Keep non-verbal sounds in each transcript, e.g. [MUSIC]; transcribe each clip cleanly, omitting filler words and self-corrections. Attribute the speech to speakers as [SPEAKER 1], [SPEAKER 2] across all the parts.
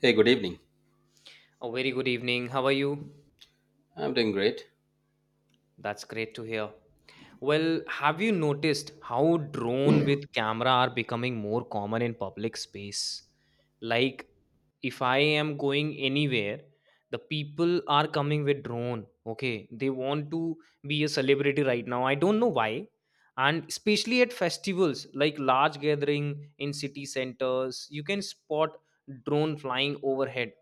[SPEAKER 1] Hey, good evening.
[SPEAKER 2] A very good evening. How are you?
[SPEAKER 1] I'm doing great.
[SPEAKER 2] That's great to hear. Well, have you noticed how drone with camera are becoming more common in public space? Like if I am going anywhere, the people are coming with drone. Okay, they want to be a celebrity right now. I don't know why. And especially at festivals like large gathering in city centers, you can spot drone flying overhead,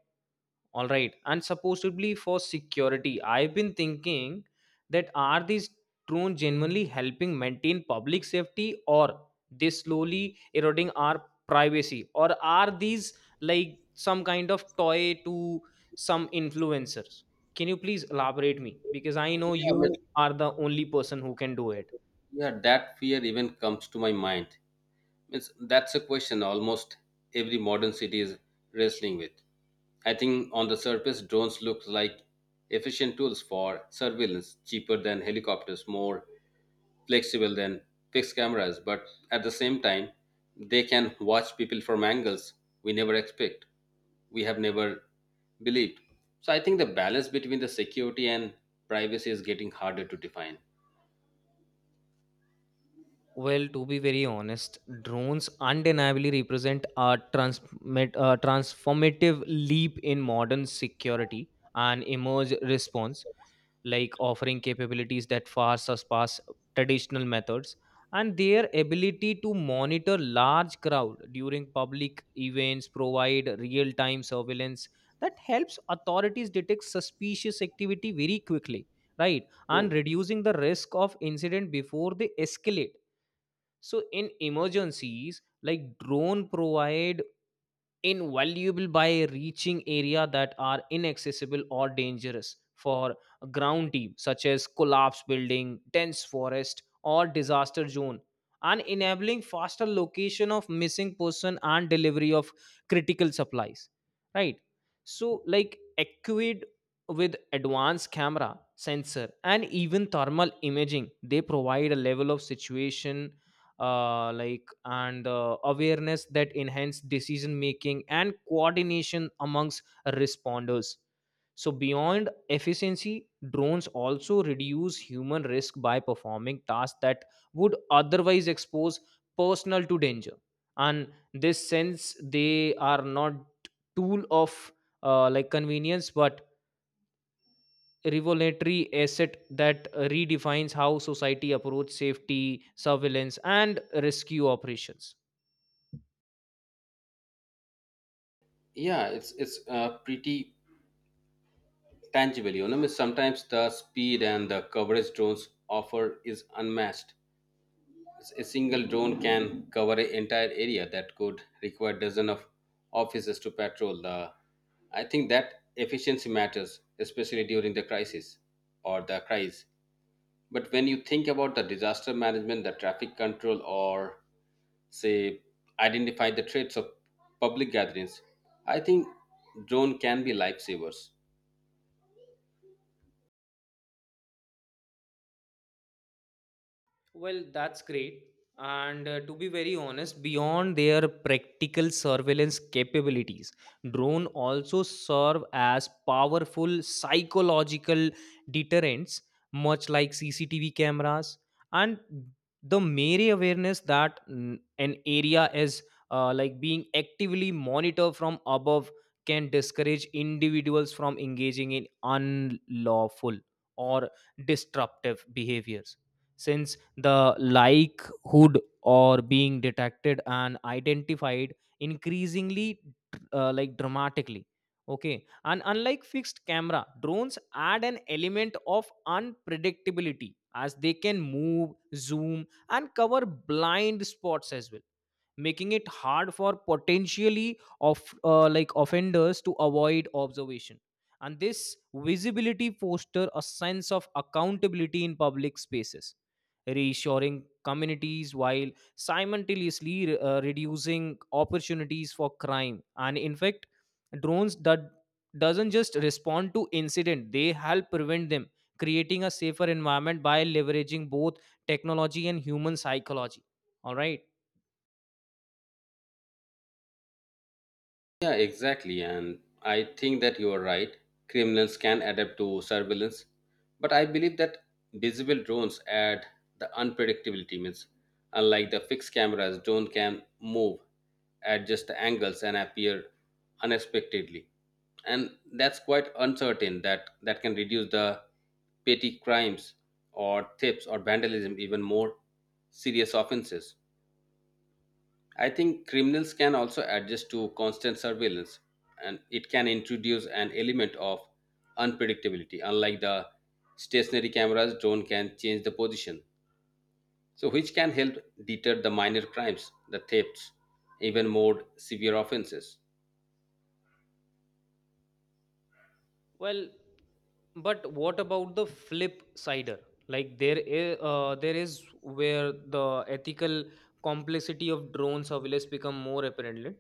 [SPEAKER 2] all right, and supposedly for security, I've been thinking that are these drones genuinely helping maintain public safety, or they slowly eroding our privacy, or are these like some kind of toy to some influencers? Can you please elaborate me, because I know
[SPEAKER 1] Yeah, but
[SPEAKER 2] you are the only person who can do it?
[SPEAKER 1] yeah, that fear even comes to my mind. That's a question almost every modern city is wrestling with. I think on the surface, drones look like efficient tools for surveillance, cheaper than helicopters, more flexible than fixed cameras, but at the same time, they can watch people from angles we never expect, we have never believed. So I think the balance between the security and privacy is getting harder to define.
[SPEAKER 2] Well, to be very honest, drones undeniably represent a transformative leap in modern security and emerge response, like offering capabilities that far surpass traditional methods. And their ability to monitor large crowd during public events provide real-time surveillance that helps authorities detect suspicious activity very quickly, right? And
[SPEAKER 1] Oh
[SPEAKER 2] reducing the risk of incident before they escalate, so in emergencies, like drone provide invaluable by reaching area that are inaccessible or dangerous for a ground team such as collapse building, dense forest or disaster zone, and enabling faster location of missing person and delivery of critical supplies, right? So like equipped with advanced camera sensor and even thermal imaging, they provide a level of situation, like and awareness that enhance decision making and coordination amongst responders. So beyond efficiency, drones also reduce human risk by performing tasks that would otherwise expose personnel to danger, and this sense they are not tool of like convenience, but revolutionary asset that redefines how society approaches safety surveillance and rescue operations.
[SPEAKER 1] yeah, it's pretty tangible. You know, means sometimes the speed and the coverage drones offer is unmatched. A single drone can cover an entire area that could require dozens of officers to patrol. I think that efficiency matters, especially during the crisis or the crisis. But when you think about the disaster management, the traffic control, or say identify the threats of public gatherings, I think drone can be lifesavers.
[SPEAKER 2] Well, that's great. And to be very honest, beyond their practical surveillance capabilities, drone also serve as powerful psychological deterrents, much like CCTV cameras. And the mere awareness that an area is like being actively monitored from above can discourage individuals from engaging in unlawful or disruptive behaviors, since the likelihood or being detected and identified increasingly like dramatically. Okay, and unlike fixed camera, drones add an element of unpredictability, as they can move, zoom and cover blind spots as well, making it hard for potentially of like offenders to avoid observation. And this visibility foster a sense of accountability in public spaces, reassuring communities while simultaneously reducing opportunities for crime. And in fact, drones that doesn't just respond to incident, they help prevent them, creating a safer environment by leveraging both technology and human psychology, all right.
[SPEAKER 1] Yeah, exactly. And I think that you are right. Criminals can adapt to surveillance. But I believe that visible drones add the unpredictability means unlike the fixed cameras, drone can move, adjust the angles and appear unexpectedly. And that's quite uncertain that can reduce the petty crimes or thefts or vandalism even more serious offenses. I think criminals can also adjust to constant surveillance and it can introduce an element of unpredictability. Unlike the stationary cameras, drone can change the position. So which can help deter the minor crimes, the thefts, even more severe offenses.
[SPEAKER 2] Well, but what about the flip sider? Like there is where the ethical complexity of drone surveillance become more apparent, right?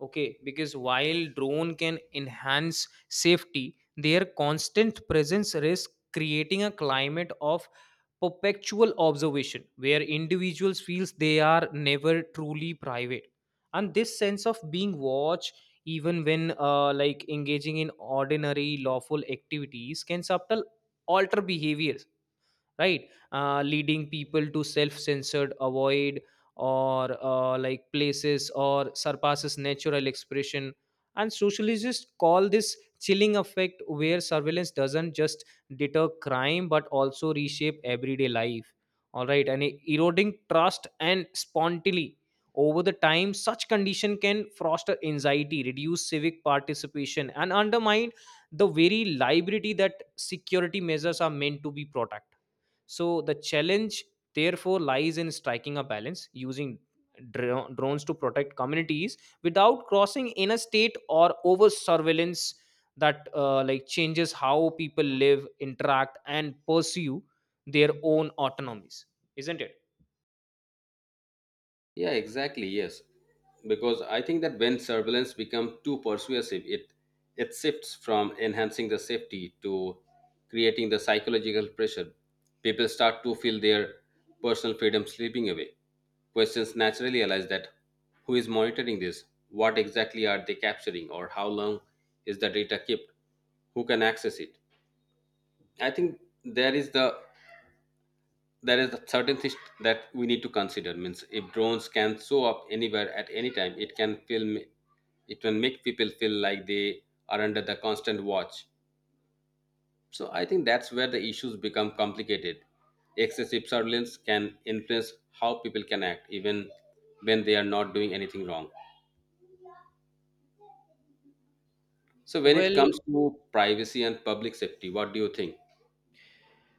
[SPEAKER 2] Okay, because while drone can enhance safety, their constant presence risk creating a climate of perpetual observation where individuals feels they are never truly private. And this sense of being watched, even when like engaging in ordinary lawful activities, can subtle alter behaviors, right? Leading people to self-censored avoid or like places or surpasses natural expression. And sociologists call this chilling effect, where surveillance doesn't just deter crime but also reshape everyday life, all right, and eroding trust and spontaneity. Over the time, such condition can foster anxiety, reduce civic participation and undermine the very liberty that security measures are meant to be protect. So the challenge therefore lies in striking a balance, using drones to protect communities without crossing in a state or over surveillance that like changes how people live, interact, and pursue their own autonomies, isn't it?
[SPEAKER 1] Yeah, exactly. Yes, because I think that when surveillance becomes too persuasive, it shifts from enhancing the safety to creating the psychological pressure. People start to feel their personal freedom slipping away. Questions naturally arise that who is monitoring this? What exactly are they capturing, or how long is the data kept? Who can access it? I think there is a certain thing that we need to consider means if drones can show up anywhere at any time it can make people feel like they are under the constant watch. So I think that's where the issues become complicated. Excessive surveillance can influence how people can act even when they are not doing anything wrong. So when it
[SPEAKER 2] Well,
[SPEAKER 1] comes to privacy and public safety, what do you think?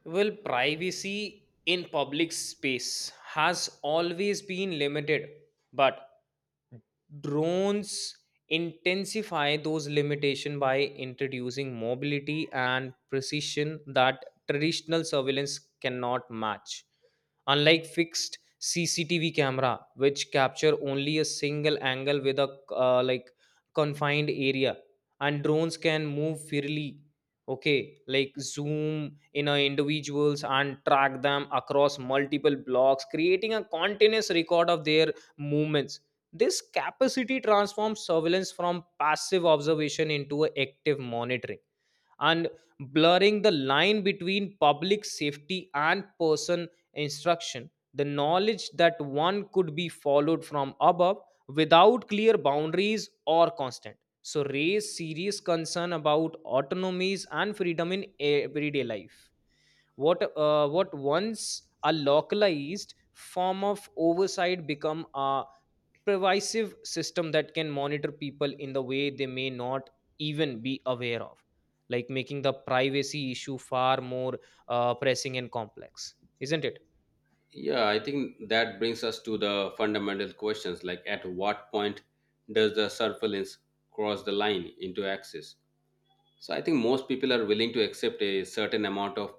[SPEAKER 2] well, privacy in public space has always been limited, but drones intensify those limitations by introducing mobility and precision that traditional surveillance cannot match. Unlike fixed CCTV camera which capture only a single angle with a like confined area, and drones can move freely, okay, like zoom in a individuals and track them across multiple blocks, creating a continuous record of their movements. This capacity transforms surveillance from passive observation into a active monitoring, and blurring the line between public safety and person instruction. The knowledge that one could be followed from above without clear boundaries or constant. So, raise serious concern about autonomies and freedom in everyday life. What what once a localized form of oversight become a pervasive system that can monitor people in the way they may not even be aware of, like making the privacy issue far more pressing and complex, isn't it?
[SPEAKER 1] Yeah, I think that brings us to the fundamental questions like at what point does the surveillance cross the line into access? So I think most people are willing to accept a certain amount of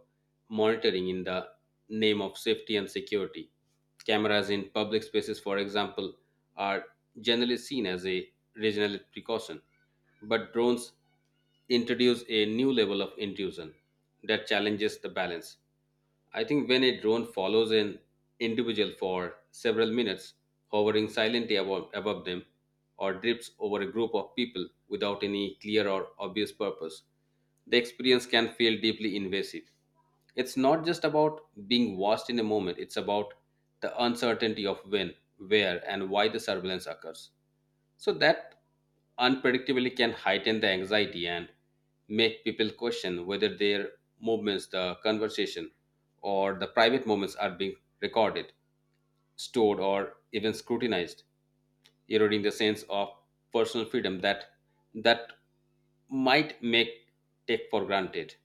[SPEAKER 1] monitoring in the name of safety and security. Cameras in public spaces, for example, are generally seen as a regional precaution, but drones introduce a new level of intrusion that challenges the balance. I think when a drone follows an individual for several minutes, hovering silently above them, or drifts over a group of people without any clear or obvious purpose, the experience can feel deeply invasive. It's not just about being watched in a moment, it's about the uncertainty of when, where, and why the surveillance occurs. So that unpredictability can heighten the anxiety and make people question whether their movements, the conversation, or the private moments are being recorded, stored, or even scrutinized, eroding the sense of personal freedom that that might make take for granted.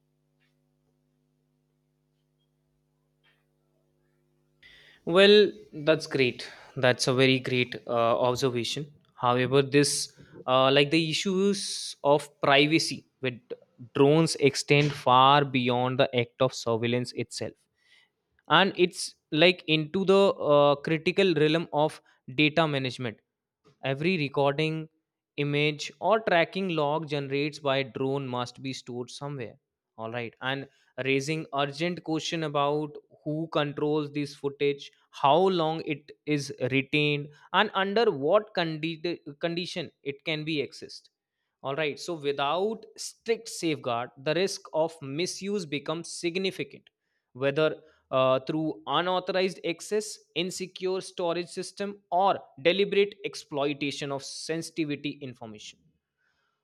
[SPEAKER 2] Well, that's great. That's a very great observation. However, this like the issues of privacy with drones extend far beyond the act of surveillance itself, and it's like into the critical realm of data management. Every recording, image or tracking log generates by drone must be stored somewhere, all right, and raising urgent question about who controls this footage, how long it is retained, and under what condition it can be accessed, all right. So without strict safeguard, the risk of misuse becomes significant, whether through unauthorized access, insecure storage system, or deliberate exploitation of sensitivity information.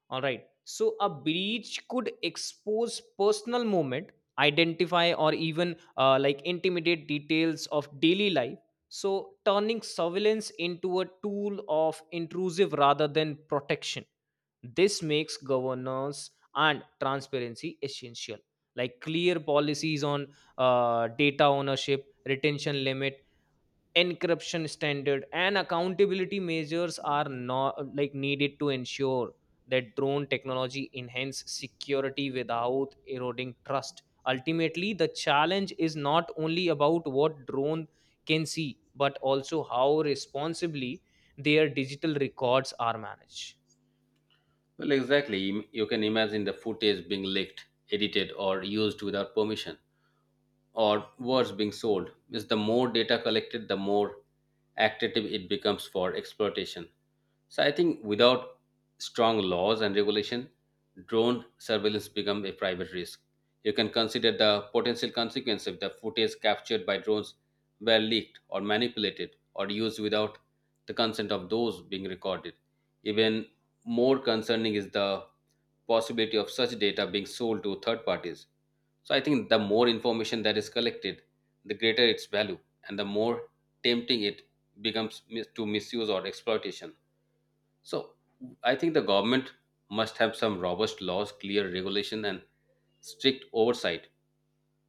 [SPEAKER 2] All right. So a breach could expose personal moment, identify or even like intimidate details of daily life. So turning surveillance into a tool of intrusive rather than protection. This makes governance and transparency essential. Like clear policies on data ownership, retention limit, encryption standard and accountability measures are not like needed to ensure that drone technology enhance security without eroding trust. Ultimately the challenge is not only about what drone can see, but also how responsibly their digital records are managed.
[SPEAKER 1] Well, exactly. You can imagine the footage being leaked, edited, or used without permission, or words being sold. Means the more data collected, the more active it becomes for exploitation. So I think without strong laws and regulation, drone surveillance become a private risk. You can consider the potential consequence if the footage captured by drones were leaked or manipulated or used without the consent of those being recorded. Even more concerning is the possibility of such data being sold to third parties. So I think the more information that is collected, the greater its value and the more tempting it becomes to misuse or exploitation. So I think the government must have some robust laws, clear regulation, and strict oversight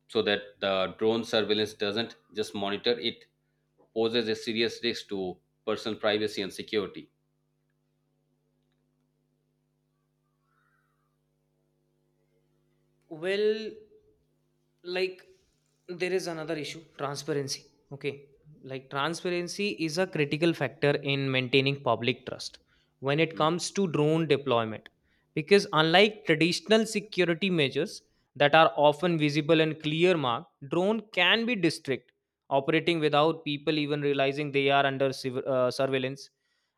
[SPEAKER 1] so that the drone surveillance doesn't just monitor, it poses a serious risk to personal privacy and security.
[SPEAKER 2] Well, like there is another issue, transparency. Okay. Like transparency is a critical factor in maintaining public trust when it
[SPEAKER 1] Mm.
[SPEAKER 2] comes to drone deployment. Because unlike traditional security measures that are often visible and clear mark, drone can be district, operating without people even realizing they are under surveillance.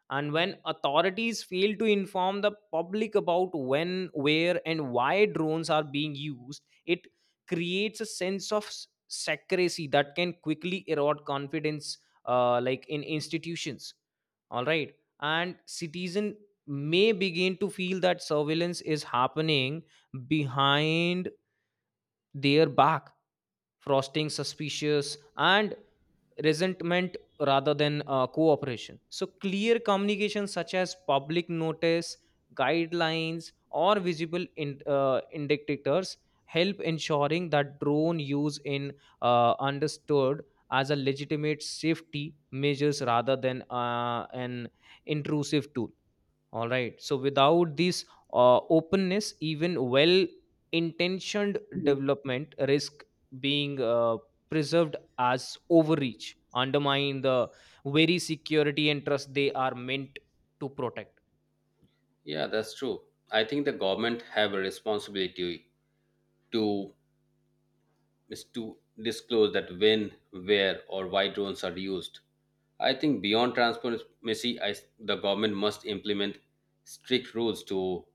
[SPEAKER 2] And when authorities fail to inform the public about when, where and why drones are being used, it creates a sense of secrecy that can quickly erode confidence like in institutions, all right. And citizen may begin to feel that surveillance is happening behind their back, frosting suspicious and resentment rather than cooperation. So, clear communication such as public notice, guidelines, or visible indicators help ensuring that drone use in understood as a legitimate safety measures rather than an intrusive tool, all right. So without this openness, even well intentioned development risk being preserved as overreach, undermine the very security and trust they are meant to protect.
[SPEAKER 1] Yeah, that's true. I think the government have a responsibility to is to disclose that when, where, or why drones are used. I think beyond transparency, the government must implement strict rules to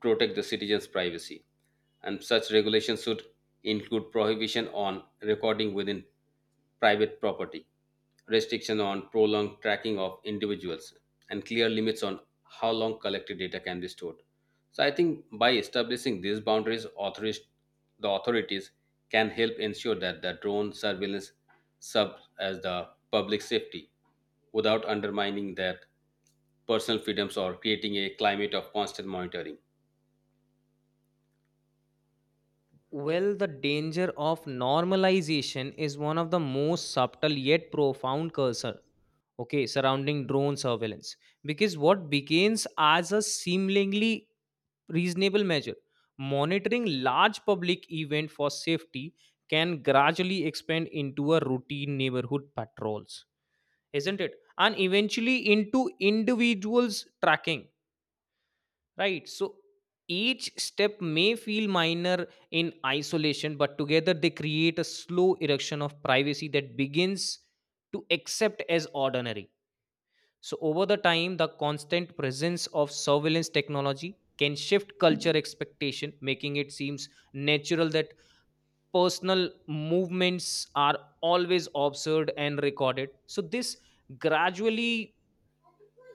[SPEAKER 1] protect the citizens' privacy, and such regulations should include prohibition on recording within private property, restriction on prolonged tracking of individuals, and clear limits on how long collected data can be stored. So I think by establishing these boundaries, the authorities can help ensure that the drone surveillance sub as the public safety without undermining their personal freedoms or creating a climate of constant monitoring.
[SPEAKER 2] Well, the danger of normalization is one of the most subtle yet profound cursor, okay, surrounding drone surveillance, because what begins as a seemingly reasonable measure, monitoring large public event for safety, can gradually expand into a routine neighborhood patrols, isn't it? And eventually into individuals tracking, right? So each step may feel minor in isolation, but together they create a slow erection of privacy that begins to accept as ordinary. So, over the time, the constant presence of surveillance technology can shift culture expectation, making it seems natural that personal movements are always observed and recorded. So, this gradually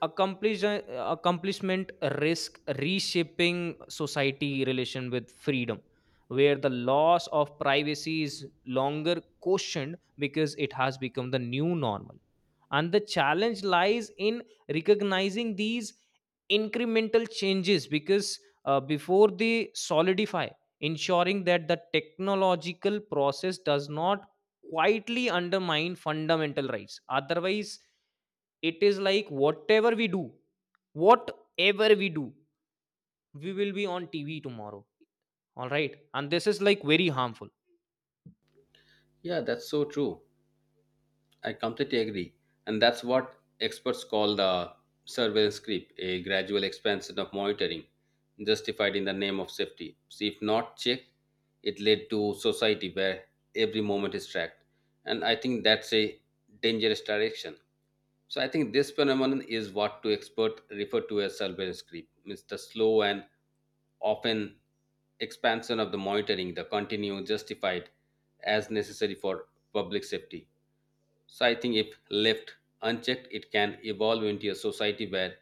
[SPEAKER 2] accomplish, uh, accomplishment risk reshaping society relation with freedom, where the loss of privacy is longer questioned because it has become the new normal. And the challenge lies in recognizing these incremental changes, because before they solidify, ensuring that the technological process does not quietly undermine fundamental rights. Otherwise, it is like whatever we do, we will be on TV tomorrow, all right, and this is like very harmful.
[SPEAKER 1] Yeah, that's so true. I completely agree. And that's what experts call the surveillance creep, a gradual expansion of monitoring justified in the name of safety. See, if not checked, it led to society where every moment is tracked. And I think that's a dangerous direction. So I think this phenomenon is what to expert refer to as surveillance creep. It's the slow and often expansion of the monitoring, the continue justified as necessary for public safety. So I think if left unchecked, it can evolve into a society where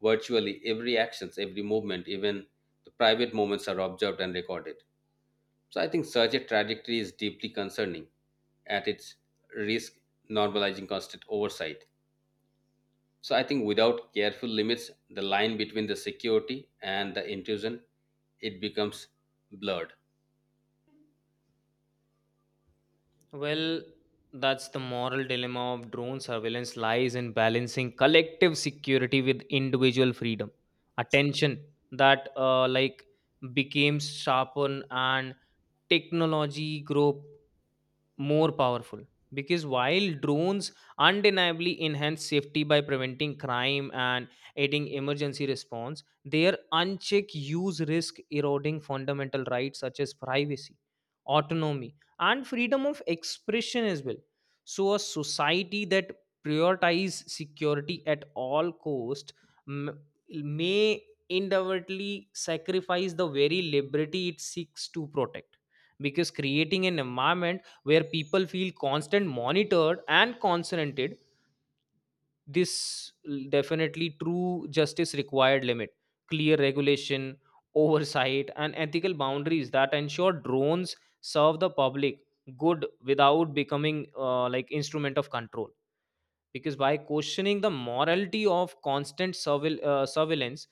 [SPEAKER 1] virtually every actions, every movement, even the private moments are observed and recorded. So I think such a trajectory is deeply concerning at its risk normalizing constant oversight. So I think without careful limits, the line between the security and the intrusion, it becomes blurred.
[SPEAKER 2] Well, that's the moral dilemma of drone surveillance lies in balancing collective security with individual freedom. Attention that became sharpened and technology grow more powerful because while drones undeniably enhance safety by preventing crime and aiding emergency response their unchecked use risk eroding fundamental rights such as privacy, autonomy, and freedom of expression as well. So a society that prioritize security at all cost m- may inadvertently sacrifice the very liberty it seeks to protect, because creating an environment where people feel constant monitored and consented, this definitely true justice required limit, clear regulation, [LAUGHS] oversight and ethical boundaries that ensure drones serve the public good without becoming instrument of control. Because by questioning the morality of constant surveillance,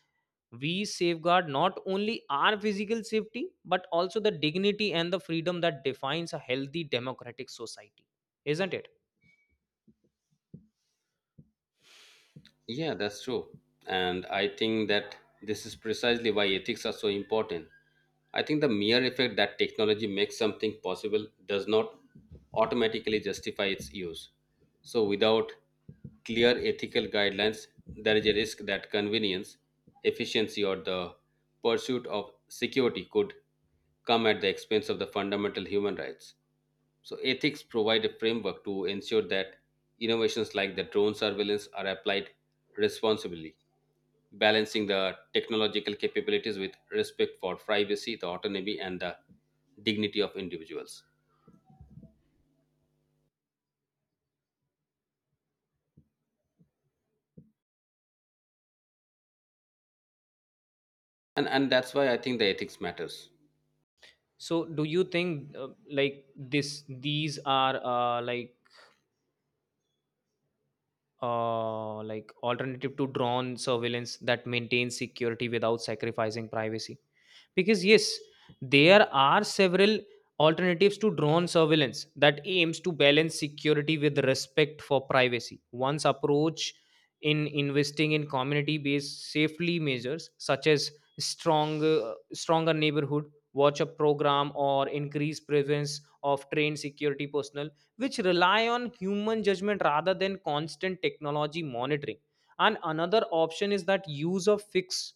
[SPEAKER 2] we safeguard not only our physical safety but also the dignity and the freedom that defines a healthy democratic society, isn't it?
[SPEAKER 1] Yeah, that's true. And I think that this is precisely why ethics are so important. I think the mere effect that technology makes something possible does not automatically justify its use. So, without clear ethical guidelines, there is a risk that convenience, efficiency, or the pursuit of security could come at the expense of the fundamental human rights. So ethics provide a framework to ensure that innovations like the drone surveillance are applied responsibly, balancing the technological capabilities with respect for privacy, the autonomy, and the dignity of individuals. And that's why I think the ethics matters.
[SPEAKER 2] So do you think this these are alternative to drone surveillance that maintains security without sacrificing privacy? Because yes, there are several alternatives to drone surveillance that aims to balance security with respect for privacy. One's approach in investing in community based safely measures such as stronger neighborhood watch a program or increased presence of trained security personnel, which rely on human judgment rather than constant technology monitoring. And another option is that use of fixed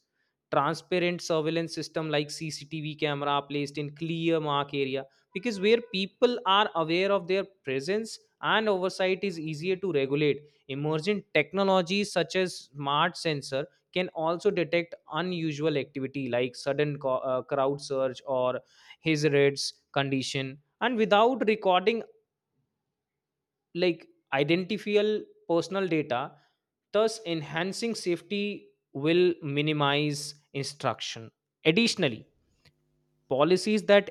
[SPEAKER 2] transparent surveillance system like CCTV camera placed in clear mark area, because where people are aware of their presence and oversight is easier to regulate. Emergent technologies such as smart sensor can also detect unusual activity like sudden crowd surge or his rates condition and without recording, like, identifiable personal data, thus enhancing safety will minimize instruction. Additionally, policies that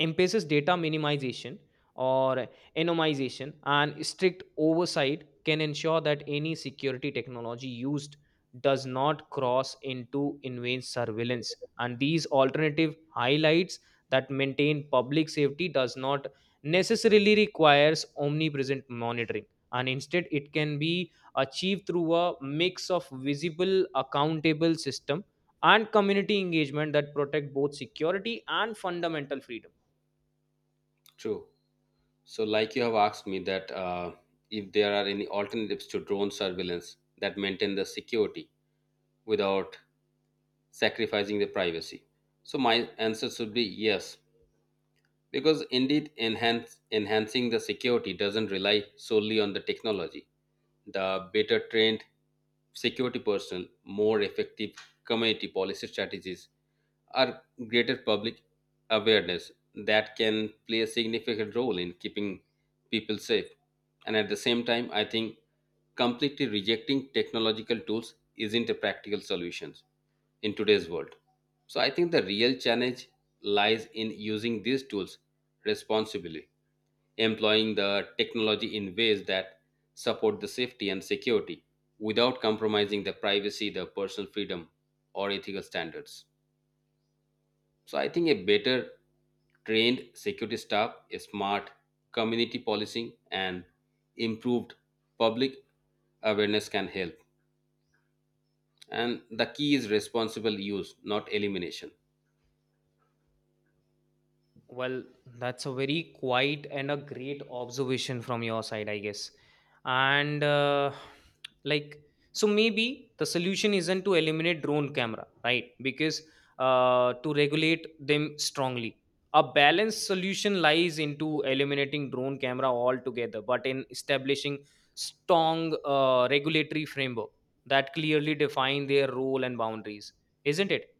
[SPEAKER 2] emphasis, data minimization or anonymization and strict oversight can ensure that any security technology used does not cross into invasive surveillance. And these alternative highlights that maintain public safety does not necessarily requires omnipresent monitoring, and instead it can be achieved through a mix of visible accountable system and community engagement that protect both security and fundamental freedom.
[SPEAKER 1] True. So, like you have asked me that if there are any alternatives to drone surveillance that maintain the security without sacrificing the privacy. So, my answer should be yes, because indeed enhancing the security doesn't rely solely on the technology. The better trained security personnel, more effective community policy strategies, or greater public awareness that can play a significant role in keeping people safe. And at the same time, I think completely rejecting technological tools isn't a practical solution in today's world. So I think the real challenge lies in using these tools responsibly, employing the technology in ways that support the safety and security without compromising the privacy, the personal freedom, or ethical standards. So I think a better trained security staff, a smart community policing, and improved public awareness can help. And the key is responsible use, not elimination.
[SPEAKER 2] Well, that's a very quiet and a great observation from your side, I guess. And like, so maybe the solution isn't to eliminate drone camera, right? Because to regulate them strongly, a balanced solution lies into eliminating drone camera altogether, but in establishing strong regulatory framework that clearly define their role and boundaries, isn't it?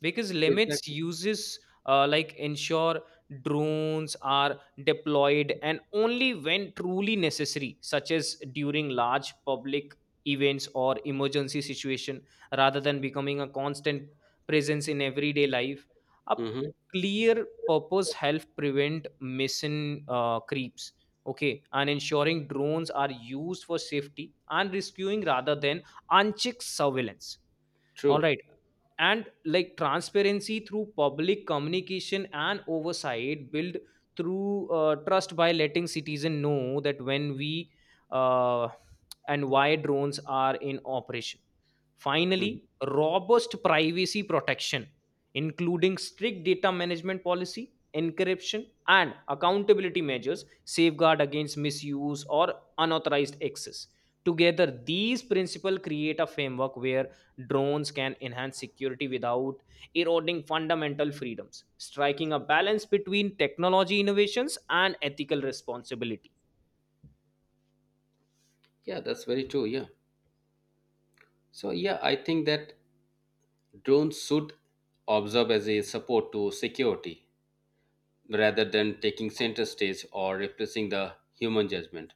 [SPEAKER 2] Because limits
[SPEAKER 1] Exactly.
[SPEAKER 2] uses ensure drones are deployed and only when truly necessary such as during large public events or emergency situation, rather than becoming a constant presence in everyday life. A
[SPEAKER 1] Mhm.
[SPEAKER 2] clear purpose help prevent mission creeps, okay, and ensuring drones are used for safety and rescuing rather than unchecked surveillance. All
[SPEAKER 1] True.
[SPEAKER 2] right. And like transparency through public communication and oversight build through trust by letting citizen know that when we uh, and why drones are in operation.
[SPEAKER 1] Mhm.
[SPEAKER 2] Finally, robust privacy protection, including strict data management policy, encryption, and accountability measures, safeguard against misuse or unauthorized access. Together, these principles create a framework where drones can enhance security without eroding fundamental freedoms, striking a balance between technology innovations and ethical responsibility.
[SPEAKER 1] Yeah, that's very true. Yeah. So, yeah, I think that drones should observe as a support to security rather than taking center stage or replacing the human judgment.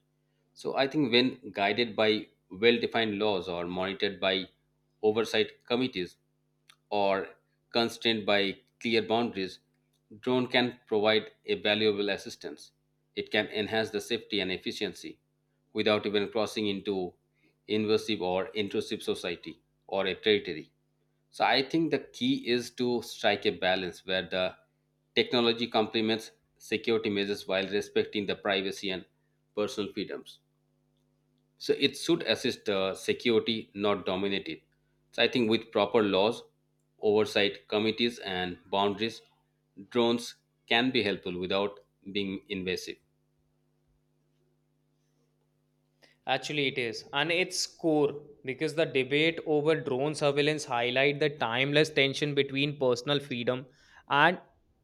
[SPEAKER 1] So I think when guided by well defined laws or monitored by oversight committees or constrained by clear boundaries, drone can provide a valuable assistance. It can enhance the safety and efficiency without even crossing into invasive or intrusive society or a territory. So I think the key is to strike a balance where the technology complements security measures while respecting the privacy and personal freedoms. So it should assist the security, not dominate it. So I think with proper laws, oversight committees, and boundaries, drones can be helpful without being invasive.
[SPEAKER 2] Actually, it is, and it's core because the debate over drone surveillance highlight the timeless tension between personal freedom and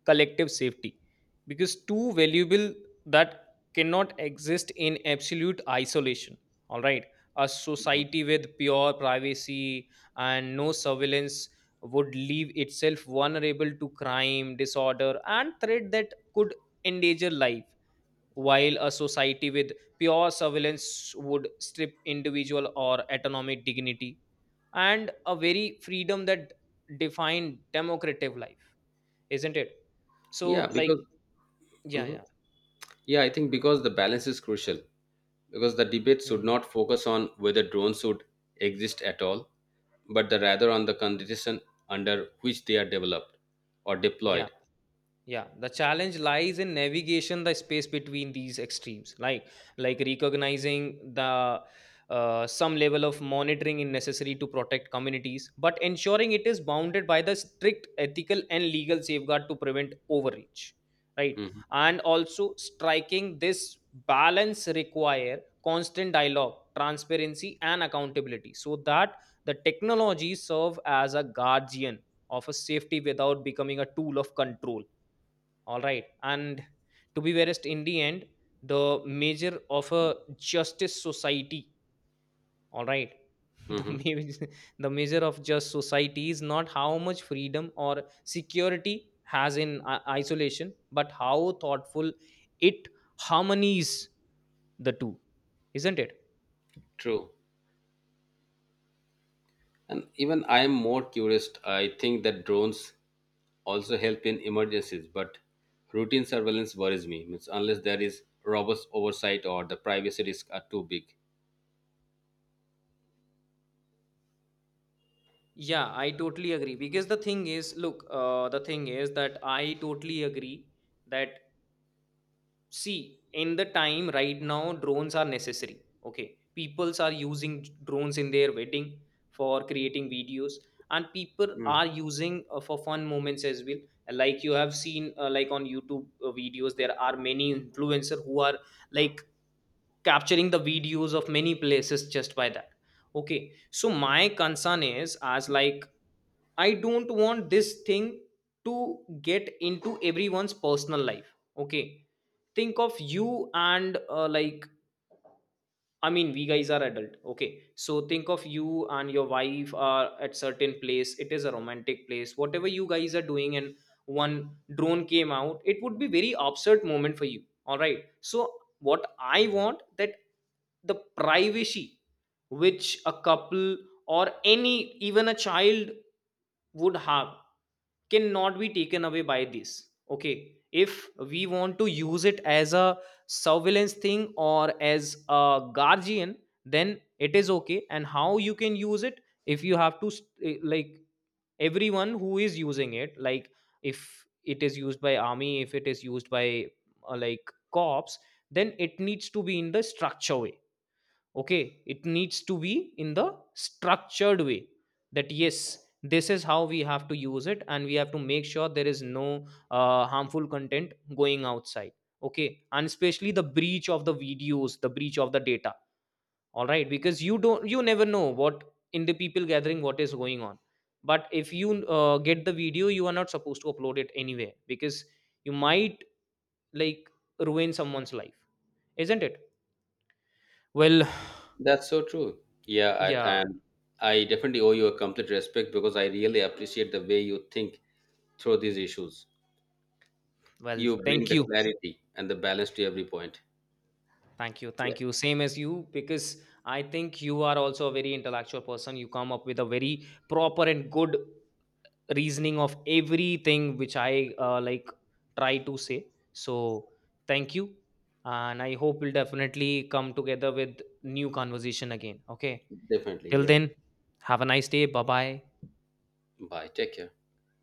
[SPEAKER 2] collective safety. Because two valuable that cannot exist in absolute isolation. All right, a society with pure privacy and no surveillance would leave itself vulnerable to crime, disorder, and threat that could endanger life, while a society with pure surveillance would strip individual or autonomy dignity and a very freedom that define democratic life, isn't it?
[SPEAKER 1] Yeah,
[SPEAKER 2] So, like,
[SPEAKER 1] because
[SPEAKER 2] yeah,
[SPEAKER 1] mhm.
[SPEAKER 2] yeah,
[SPEAKER 1] Yeah, I think because the balance is crucial because the debate should
[SPEAKER 2] mm,
[SPEAKER 1] not focus on whether drones should exist at all but the rather on the condition under which they are developed or
[SPEAKER 2] yeah.
[SPEAKER 1] deployed.
[SPEAKER 2] Yeah, the challenge lies in navigation the space between these extremes, like recognizing the some level of monitoring is necessary to protect communities, but ensuring it is bounded by the strict ethical and legal safeguard to prevent overreach, right?
[SPEAKER 1] Mhm,
[SPEAKER 2] And also striking this balance require constant dialogue, transparency, and accountability, so that the technology serve as a guardian of a safety without becoming a tool of control, all right. And to be verest, in the end, the measure of a justice society, all right, [LAUGHS] the
[SPEAKER 1] mhm.
[SPEAKER 2] measure, the measure of just society is not how much freedom or security has in isolation, but how thoughtful it harmonies the two, isn't it?
[SPEAKER 1] True. And even I am more curious. I think that drones also help in emergencies, but routine surveillance worries me. Means unless there is robust oversight or the privacy risks are too big.
[SPEAKER 2] Yeah, I totally agree. Because the thing is, look, the thing is that I totally agree that, see, in the time right now drones are necessary, okay, peoples are using drones in their wedding for creating videos, and people are using for fun moments as well. Like, you have seen on youtube videos, there are many influencer who are, like, capturing the videos of many places just by that. Okay, so my concern is as like, I don't want this thing to get into everyone's personal life. Okay. Think of you and I mean, we guys are adult. Okay. So think of you and your wife are at certain place. It is a romantic place. Whatever you guys are doing and one drone came out, it would be very absurd moment for you. All right. So what I want, that the privacy which a couple or any even a child would have cannot be taken away by this. Okay, if we want to use it as a surveillance thing or as a guardian, then it is okay. And how you can use it, if you have to everyone who is using it, like, if it is used by army, if it is used by cops then it needs to be in the structure way. Okay, it needs to be in the structured way, that yes, this is how we have to use it, and we have to make sure there is no harmful content going outside. Okay, and especially the breach of the videos, the breach of the data, all right, because you don't, you never know what in the people gathering what is going on, but if you get the video, you are not supposed to upload it anyway, because you might, like, ruin someone's life, isn't it? Well,
[SPEAKER 1] That's so true. Yeah,
[SPEAKER 2] [SIGHS]
[SPEAKER 1] I,
[SPEAKER 2] yeah.
[SPEAKER 1] and I definitely owe you a complete respect because I really appreciate the way you think through these issues.
[SPEAKER 2] Well,
[SPEAKER 1] You bring
[SPEAKER 2] thank
[SPEAKER 1] the
[SPEAKER 2] you.
[SPEAKER 1] clarity and the balance to every point.
[SPEAKER 2] Thank you.
[SPEAKER 1] Yeah,
[SPEAKER 2] Thank you. Same as you, because I think you are also a very intellectual person. You come up with a very proper and good reasoning of everything which I try to say. So, thank you. And I hope we'll definitely come together with new conversation again. Okay.
[SPEAKER 1] definitely.
[SPEAKER 2] Till
[SPEAKER 1] Yeah.
[SPEAKER 2] then, have a nice day. Bye bye.
[SPEAKER 1] Bye. Take care.